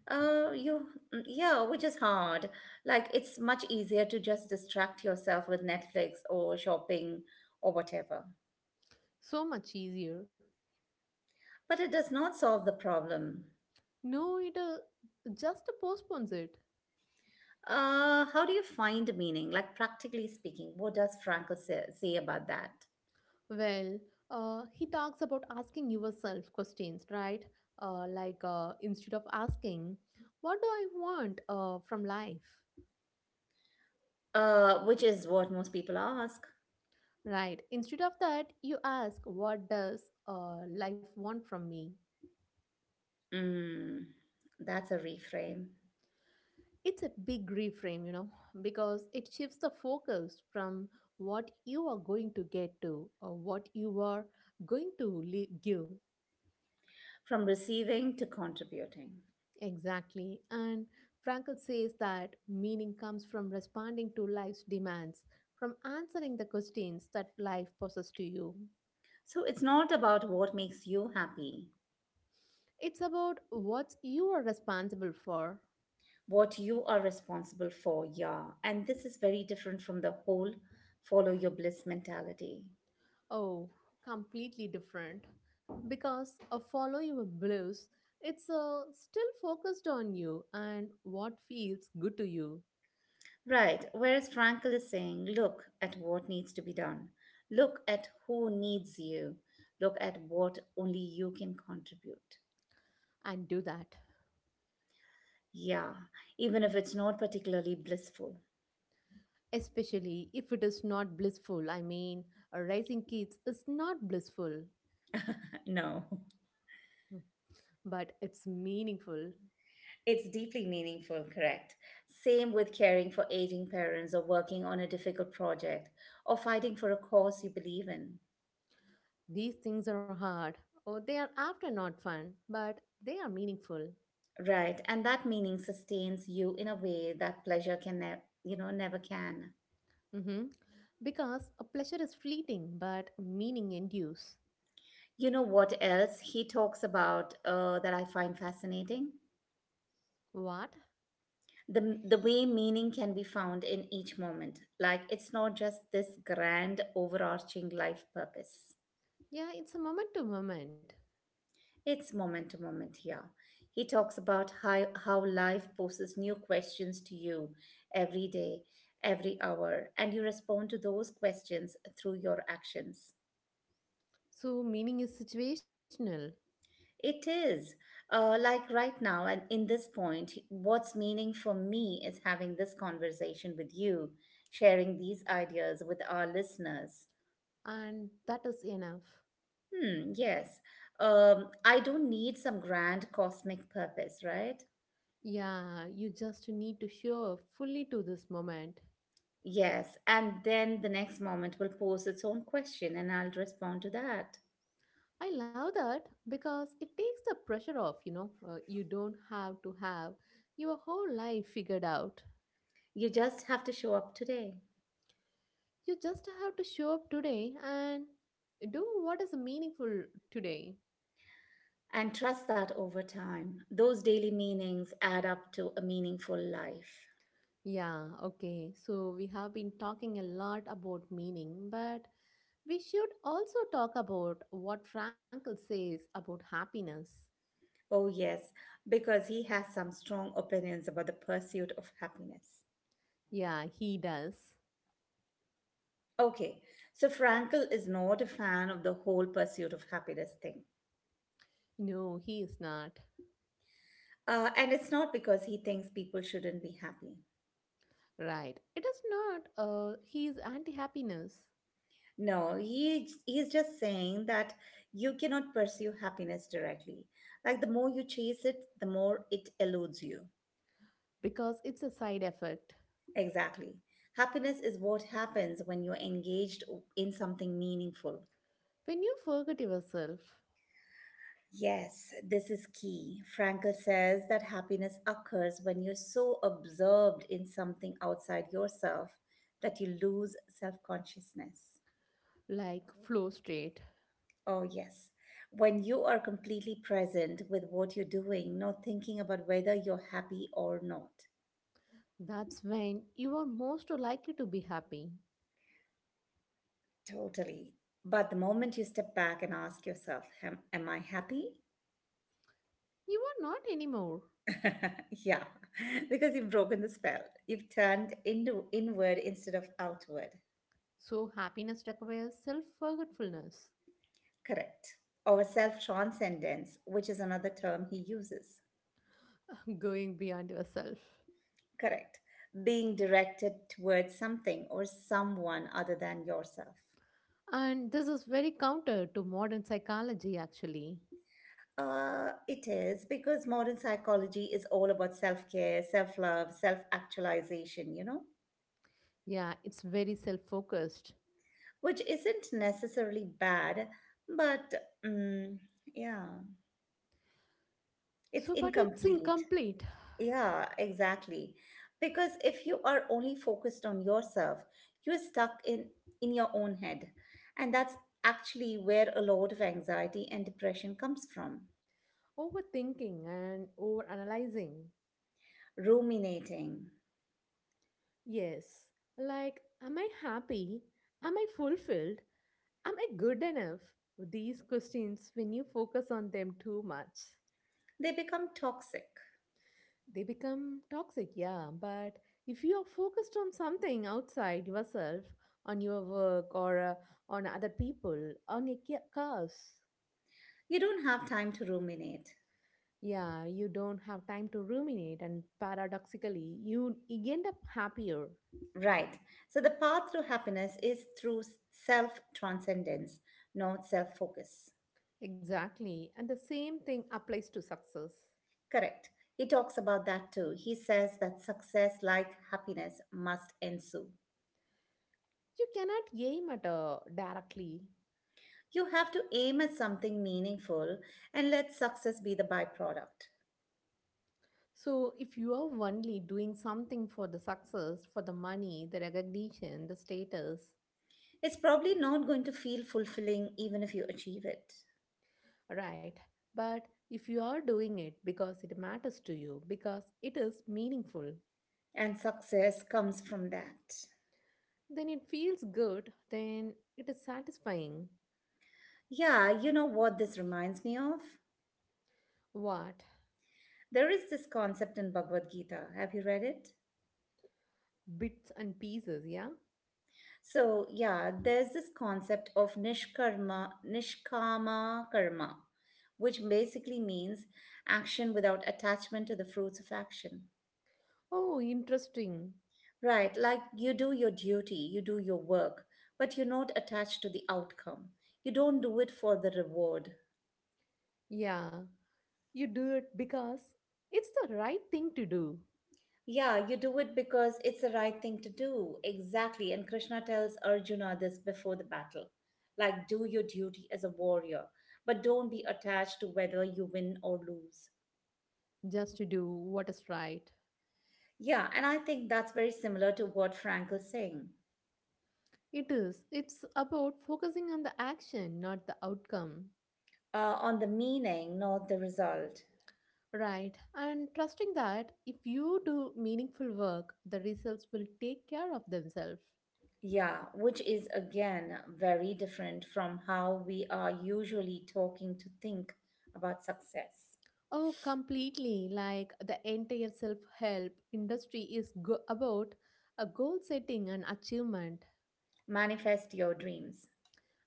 Uh, you, mm, yeah, which is hard. Like it's much easier to just distract yourself with Netflix or shopping or whatever. So much easier. But it does not solve the problem. No, it uh, just postpones it. Uh, how do you find meaning? Like practically speaking, what does Frankl say, say about that? Well, uh, he talks about asking yourself questions, right? Uh, like uh, instead of asking, what do I want uh, from life? Uh, which is what most people ask. Right. Instead of that, you ask, what does uh, life want from me? Mm, that's a reframe It's a big reframe, you know, because it shifts the focus from what you are going to get to or what you are going to le- give. from receiving to contributing. Exactly. And Frankl says that meaning comes from responding to life's demands, from answering the questions that life poses to you. So it's not about what makes you happy, It's about what you are responsible for. what you are responsible for, yeah. And this is very different from the whole follow your bliss mentality. Oh, completely different. Because a follow your blues, it's uh, still focused on you and what feels good to you. Right, whereas Frankl is saying, look at what needs to be done, look at who needs you, look at what only you can contribute. And do that. Yeah, even if it's not particularly blissful. Especially if it is not blissful. I mean, raising kids is not blissful, No. but it's meaningful. It's deeply meaningful, correct? Same with caring for aging parents or working on a difficult project or fighting for a cause you believe in. These things are hard, or they are often not fun, but they are meaningful. Right, and that meaning sustains you in a way that pleasure can ne- you know never can. Hmm. Because a pleasure is fleeting, but meaning endures. You know what else he talks about uh, that I find fascinating? What? The the way meaning can be found in each moment. Like it's not just this grand overarching life purpose. Yeah, it's a moment to moment. It's moment to moment here. He talks about how, how life poses new questions to you every day, every hour, and you respond to those questions through your actions. So meaning is situational, It is uh, like right now, and in this point, what's meaning for me is having this conversation with you, sharing these ideas with our listeners. and that is enough. Hmm, yes. Um, I don't need some grand cosmic purpose, right? Yeah, you just need to show up fully to this moment. Yes, and then the next moment will pose its own question and I'll respond to that. I love that because it takes the pressure off, you know. Uh, you don't have to have your whole life figured out. You just have to show up today You just have to show up today and do what is meaningful today. and trust that over time, those daily meanings add up to a meaningful life. Yeah, okay. So we have been talking a lot about meaning, but we should also talk about what Frankl says about happiness. Oh, yes, because he has some strong opinions about the pursuit of happiness. Yeah, he does. Okay, so Frankel is not a fan of the whole pursuit of happiness thing. No, he is not. Uh, and it's not because he thinks people shouldn't be happy. Right. It is not uh he is anti-happiness, No, he he's just saying that you cannot pursue happiness directly. Like the more you chase it, the more it eludes you. because it's a side effect. Exactly. Happiness is what happens when you're engaged in something meaningful. When you forget yourself, Yes, this is key. Frankel says that happiness occurs when you're so absorbed in something outside yourself that you lose self-consciousness. like flow state, Oh, yes. When you are completely present with what you're doing, not thinking about whether you're happy or not. that's when you are most likely to be happy. Totally. But the moment you step back and ask yourself, Am, am I happy? You are not anymore. Yeah, because you've broken the spell. You've turned into inward instead of outward. So happiness requires self forgetfulness, Correct. Or self transcendence, which is another term he uses. going beyond yourself. Correct. Being directed towards something or someone other than yourself. And this is very counter to modern psychology, actually. Uh, it is because modern psychology is all about self care, self love, self actualization, you know, Yeah, it's very self focused. which isn't necessarily bad, but mm, yeah, it's So, but it's incomplete. incomplete. Yeah, exactly. Because if you are only focused on yourself, you're stuck in, in your own head. And that's actually where a lot of anxiety and depression comes from Overthinking and overanalyzing. ruminating. Yes. Like, am I happy? Am I fulfilled? Am I good enough? These questions, when you focus on them too much, They become toxic. they become toxic, yeah. But if you are focused on something outside yourself, on your work or uh, on other people, on your ca- cause, You don't have time to ruminate. yeah, you don't have time to ruminate, and paradoxically, you end up happier. Right. So the path to happiness is through self transcendence, not self focus. Exactly. And the same thing applies to success. Correct. He talks about that too. He says that success, like happiness, must ensue. You cannot aim at a directly. You have to aim at something meaningful and let success be the byproduct. So, if you are only doing something for the success, for the money, the recognition, the status, It's probably not going to feel fulfilling even if you achieve it. right? But if you are doing it because it matters to you, because it is meaningful, And success comes from that. then it feels good, then it is satisfying. Yeah, you know what this reminds me of? What? There is this concept in Bhagavad Gita. Have you read it? Bits and pieces, yeah? So, yeah, there's this concept of nishkarma, nishkama karma, which basically means action without attachment to the fruits of action. Oh, interesting. Right, like you do your duty, you do your work, but you're not attached to the outcome. You don't do it for the reward. Yeah, you do it because it's the right thing to do, Yeah, you do it because it's the right thing to do. Exactly. And Krishna tells Arjuna this before the battle. Like, do your duty as a warrior, but don't be attached to whether you win or lose. just to do what is right. Yeah, and I think that's very similar to what Frankl's saying It is. It's about focusing on the action, not the outcome. uh, on the meaning, not the result. Right. And trusting that if you do meaningful work, the results will take care of themselves. Yeah, which is again very different from how we are usually talking to think about success. Oh, completely. Like the entire self help industry is go- about a goal setting and achievement, Manifest your dreams,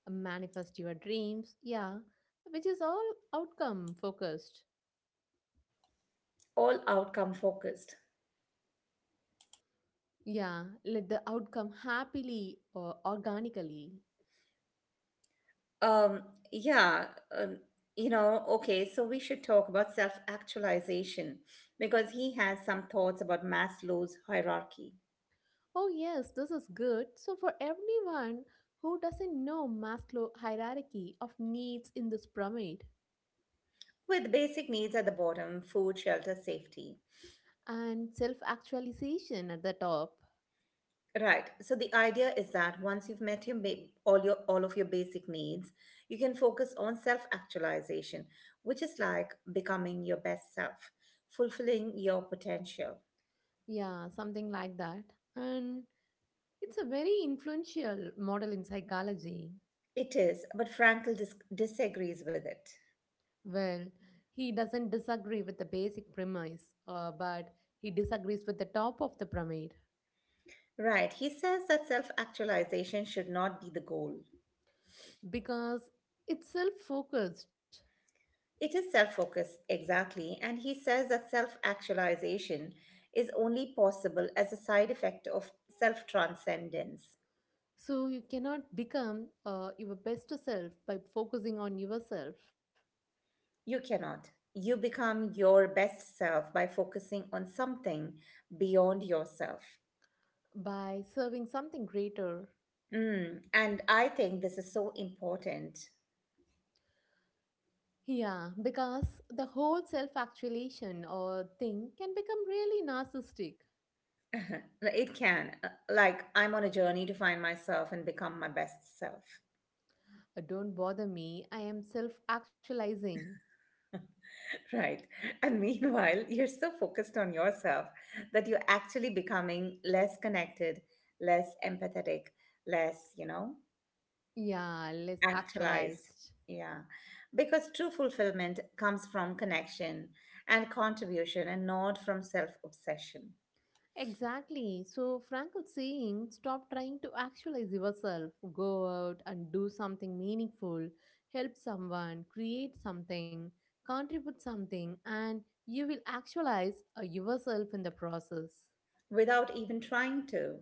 manifest your dreams. Yeah. Which is all outcome focused. all outcome focused. Yeah. Let the outcome happily or organically. Um, yeah, um, you know, okay, so we should talk about self actualization because he has some thoughts about Maslow's hierarchy Oh, yes, this is good. So, for everyone who doesn't know Maslow's hierarchy of needs in this pyramid with basic needs at the bottom food, shelter, safety. and self actualization at the top, Right. So the idea is that once you've met your ba- all your all of your basic needs, you can focus on self-actualization, which is like becoming your best self, fulfilling your potential. yeah, something like that. And it's a very influential model in psychology. It is, but Frankl dis- disagrees with it. Well, he doesn't disagree with the basic premise, uh, but he disagrees with the top of the pyramid Right. He says that self-actualization should not be the goal. because it's self focused. It is self-focus exactly, and he says that self-actualization is only possible as a side effect of self-transcendence. So you cannot become uh, your best self by focusing on yourself, You cannot. You become your best self by focusing on something beyond yourself. by serving something greater. Mm, and I think this is so important. Yeah, because the whole self actualization or thing can become really narcissistic. It can. Uh, Like, I'm on a journey to find myself and become my best self, Uh, Don't bother me, I am self actualizing. right? And meanwhile, you're so focused on yourself that you're actually becoming less connected, less empathetic, less, you know? Yeah, less Actualized. actualized. Yeah. Because true fulfillment comes from connection and contribution and not from self obsession Exactly. So Frank was saying, stop trying to actualize yourself. Go out and do something meaningful. Help someone, create something, contribute something, and you will actualize uh, yourself in the process. without even trying to.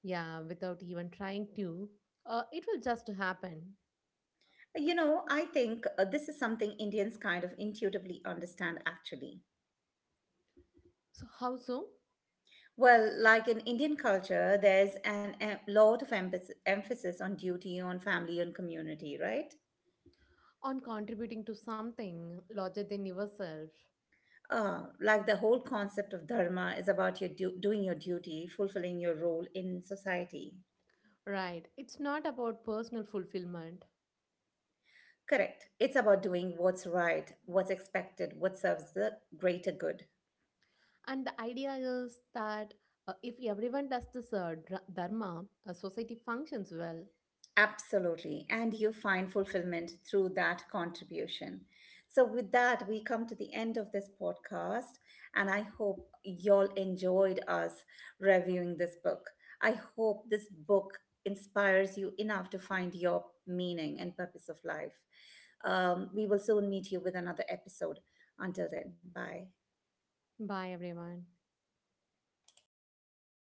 Yeah, without even trying to. Uh, it will just happen. You know, I think uh, this is something Indians kind of intuitively understand actually. So, how so? Well, like in Indian culture, there's an a lot of emphasis, emphasis on duty, on family, on community, right? On contributing to something larger than yourself. Uh, like the whole concept of dharma is about your du- doing your duty, fulfilling your role in society. Right. It's not about personal fulfillment. Correct. It's about doing what's right, what's expected, what serves the greater good. And the idea is that uh, if everyone does this uh, dra- dharma, a society functions well. Absolutely. And you find fulfillment through that contribution. So, with that, we come to the end of this podcast. And I hope y'all enjoyed us reviewing this book. I hope this book inspires you enough to find your meaning and purpose of life. Um, we will soon meet you with another episode. Until then, bye. Bye, everyone.